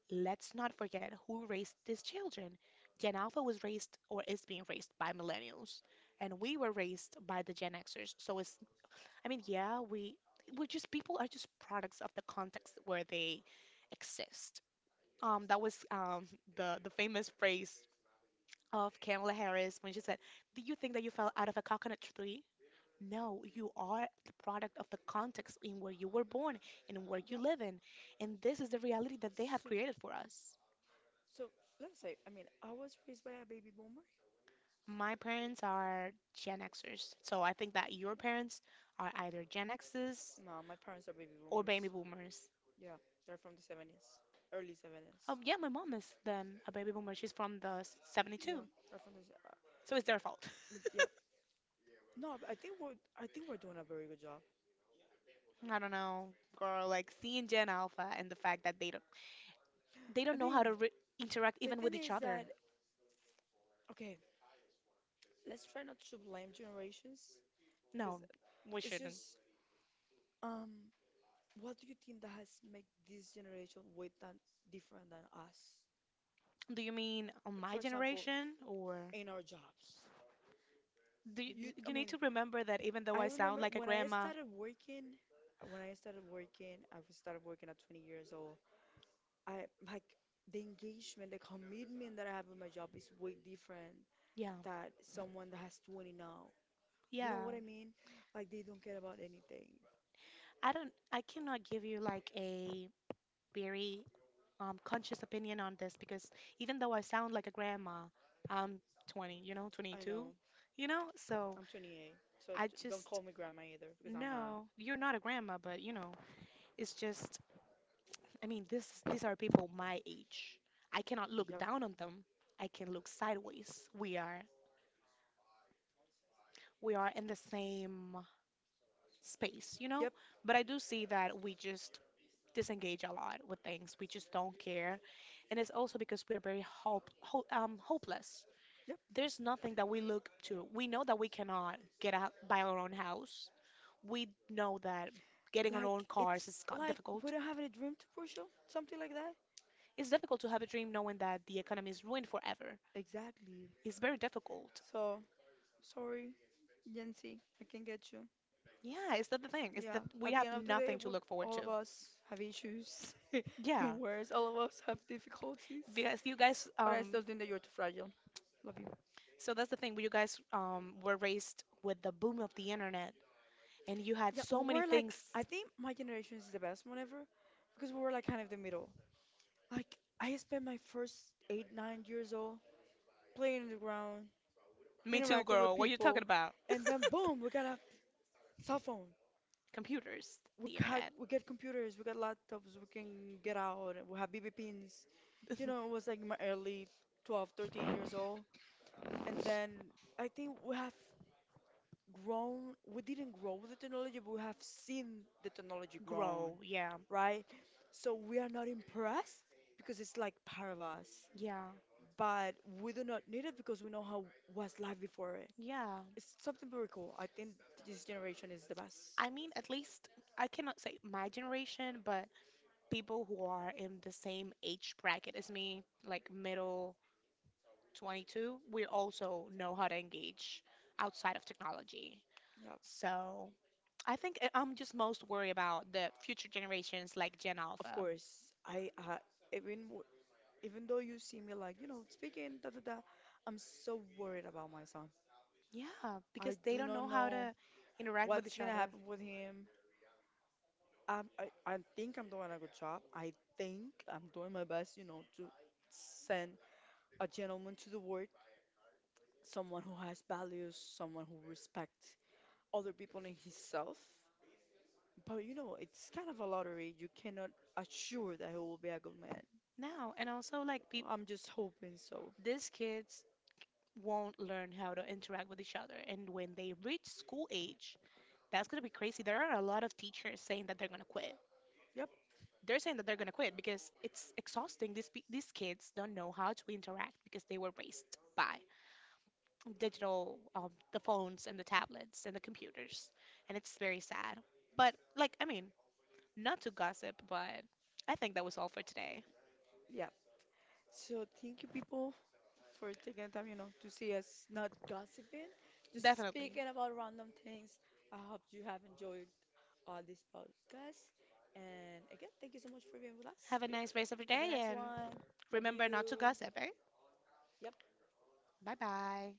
B: let's not forget who raised these children. Gen Alpha was raised or is being raised by millennials, and we were raised by the Gen Xers. So it's, I mean, yeah, we we're just people are just products of the context where they exist. That was The famous phrase of Kamala Harris when she said, "Do you think that you fell out of a coconut tree?" No, you are the product of the context in where you were born and where you
A: Yep.
B: live in. And this is the reality that they have
A: So
B: created for us.
A: So let's say, I mean, I was raised by a baby boomer.
B: My parents are Gen Xers. So I think that your parents are either Gen Xers
A: No, my parents are baby
B: or
A: boomers.
B: baby boomers.
A: Yeah, they're from the 70s, early 70s.
B: Oh, yeah, my mom is then a baby boomer. She's from
A: Yeah,
B: 72.
A: they're from the
B: So it's their fault.
A: yeah. No, but I think we're doing a very good job.
B: I don't know, girl, like seeing Gen Alpha and the fact that they
A: I
B: don't know
A: mean,
B: how to interact
A: the
B: even
A: thing
B: with each
A: is that
B: other.
A: okay, let's try not to blame generations because
B: No, we
A: it's
B: shouldn't.
A: just um, what do you think that has made this generation way that different than us?
B: Do you mean on my
A: For example,
B: generation? Or
A: in our jobs. I
B: you need
A: mean,
B: to remember that even though
A: I
B: I sound
A: remember
B: like a
A: when I
B: grandma,
A: started working, when I started working, I was started working at 20 years old. I like the engagement, the commitment that I have in my job is way different
B: yeah,
A: that someone that has 20 now. You know
B: yeah.
A: what I mean? Like they don't care about anything.
B: I cannot give you like a very conscious opinion on this because even though I sound like a grandma, I'm 20, you know,
A: I
B: 22,
A: know.
B: you know? So
A: I'm 28, so
B: I
A: don't
B: just
A: call me grandma either because I'm not.
B: no, you're not a grandma, but you know, it's just I mean, this these are people my age. I cannot look
A: Yep.
B: down on them. I can look sideways. We are in the same space, you know?
A: Yep.
B: But I do see that we just disengage a lot with things. We just don't care. And it's also because we are very hopeless.
A: Yep.
B: There's nothing that we look to. We know that we cannot get out by our own house. We know that getting our
A: Like
B: own cars
A: it's
B: is
A: like we
B: difficult.
A: don't have any dream to pursue, something like that.
B: It's difficult to have a dream knowing that the economy is ruined forever.
A: Exactly.
B: It's very difficult.
A: So. Sorry, Yancy, I can get you.
B: Yeah, is that the thing? Is
A: Yeah,
B: that we
A: at the
B: have
A: end of the day,
B: nothing to look forward
A: all of
B: to?
A: us have issues
B: Yeah,
A: and worse, all of us have difficulties.
B: because you guys
A: But I still think that you're too fragile. Love you.
B: So that's the thing. You guys were raised with the boom of the internet, and you had
A: Yeah, we
B: so many
A: were like,
B: things.
A: I think my generation is the best one ever because we were like kind of the middle. Like, I spent my first 8, 9 years old playing in the ground,
B: Me too,
A: interacting with
B: girl. What are you
A: people,
B: talking about?
A: and then boom, we got a cell phone.
B: Computers,
A: we
B: the
A: got
B: internet.
A: we get computers, we got laptops, we can get out, we have BB pins. You know, it was like my early 12, 13 years old. And then I think we have grown, we didn't grow with the technology, but we have seen the technology grown,
B: Grow, yeah,
A: right? So we are not impressed because it's like part of us.
B: yeah,
A: But we do not need it because we know how was life before it.
B: yeah.
A: It's something very cool. I think this generation is the best.
B: I mean, at least I cannot say my generation, but people who are in the same age bracket as me, like middle 22, we also know how to engage outside of technology.
A: Yeah,
B: So I think I'm just most worried about the future generations like Gen
A: of
B: Alpha.
A: course. I even even though you see me like, speaking, da da da, I'm so worried about my son.
B: Yeah,
A: I
B: because they
A: do
B: don't
A: not
B: know how
A: know
B: to interact with
A: what's
B: each
A: gonna
B: other.
A: happen with him. I think I'm doing a good job. I think I'm doing my best, to send a gentleman to the world, someone who has values, someone who respects other people and himself. But it's kind of a lottery. You cannot assure that he will be a good man.
B: No, and also like peop
A: I'm just hoping so.
B: these kids won't learn how to interact with each other, and when they reach school age, that's gonna be crazy. There are a lot of teachers saying that they're gonna quit.
A: Yep,
B: They're saying that they're gonna quit because it's exhausting. These kids don't know how to interact because they were raised by digital, the phones and the tablets and the computers, and it's very sad. But like, I mean, not to gossip, but I think that was all for today.
A: yeah. So thank you people for taking the time, to see us not gossiping, just
B: Definitely.
A: speaking about random things. I hope you have enjoyed all this podcast. And again, thank you so much for being with us.
B: Have a nice rest of your
A: Have a
B: day,
A: nice
B: and
A: one. Love
B: remember not to
A: you.
B: gossip, eh?
A: Yep.
B: Bye bye.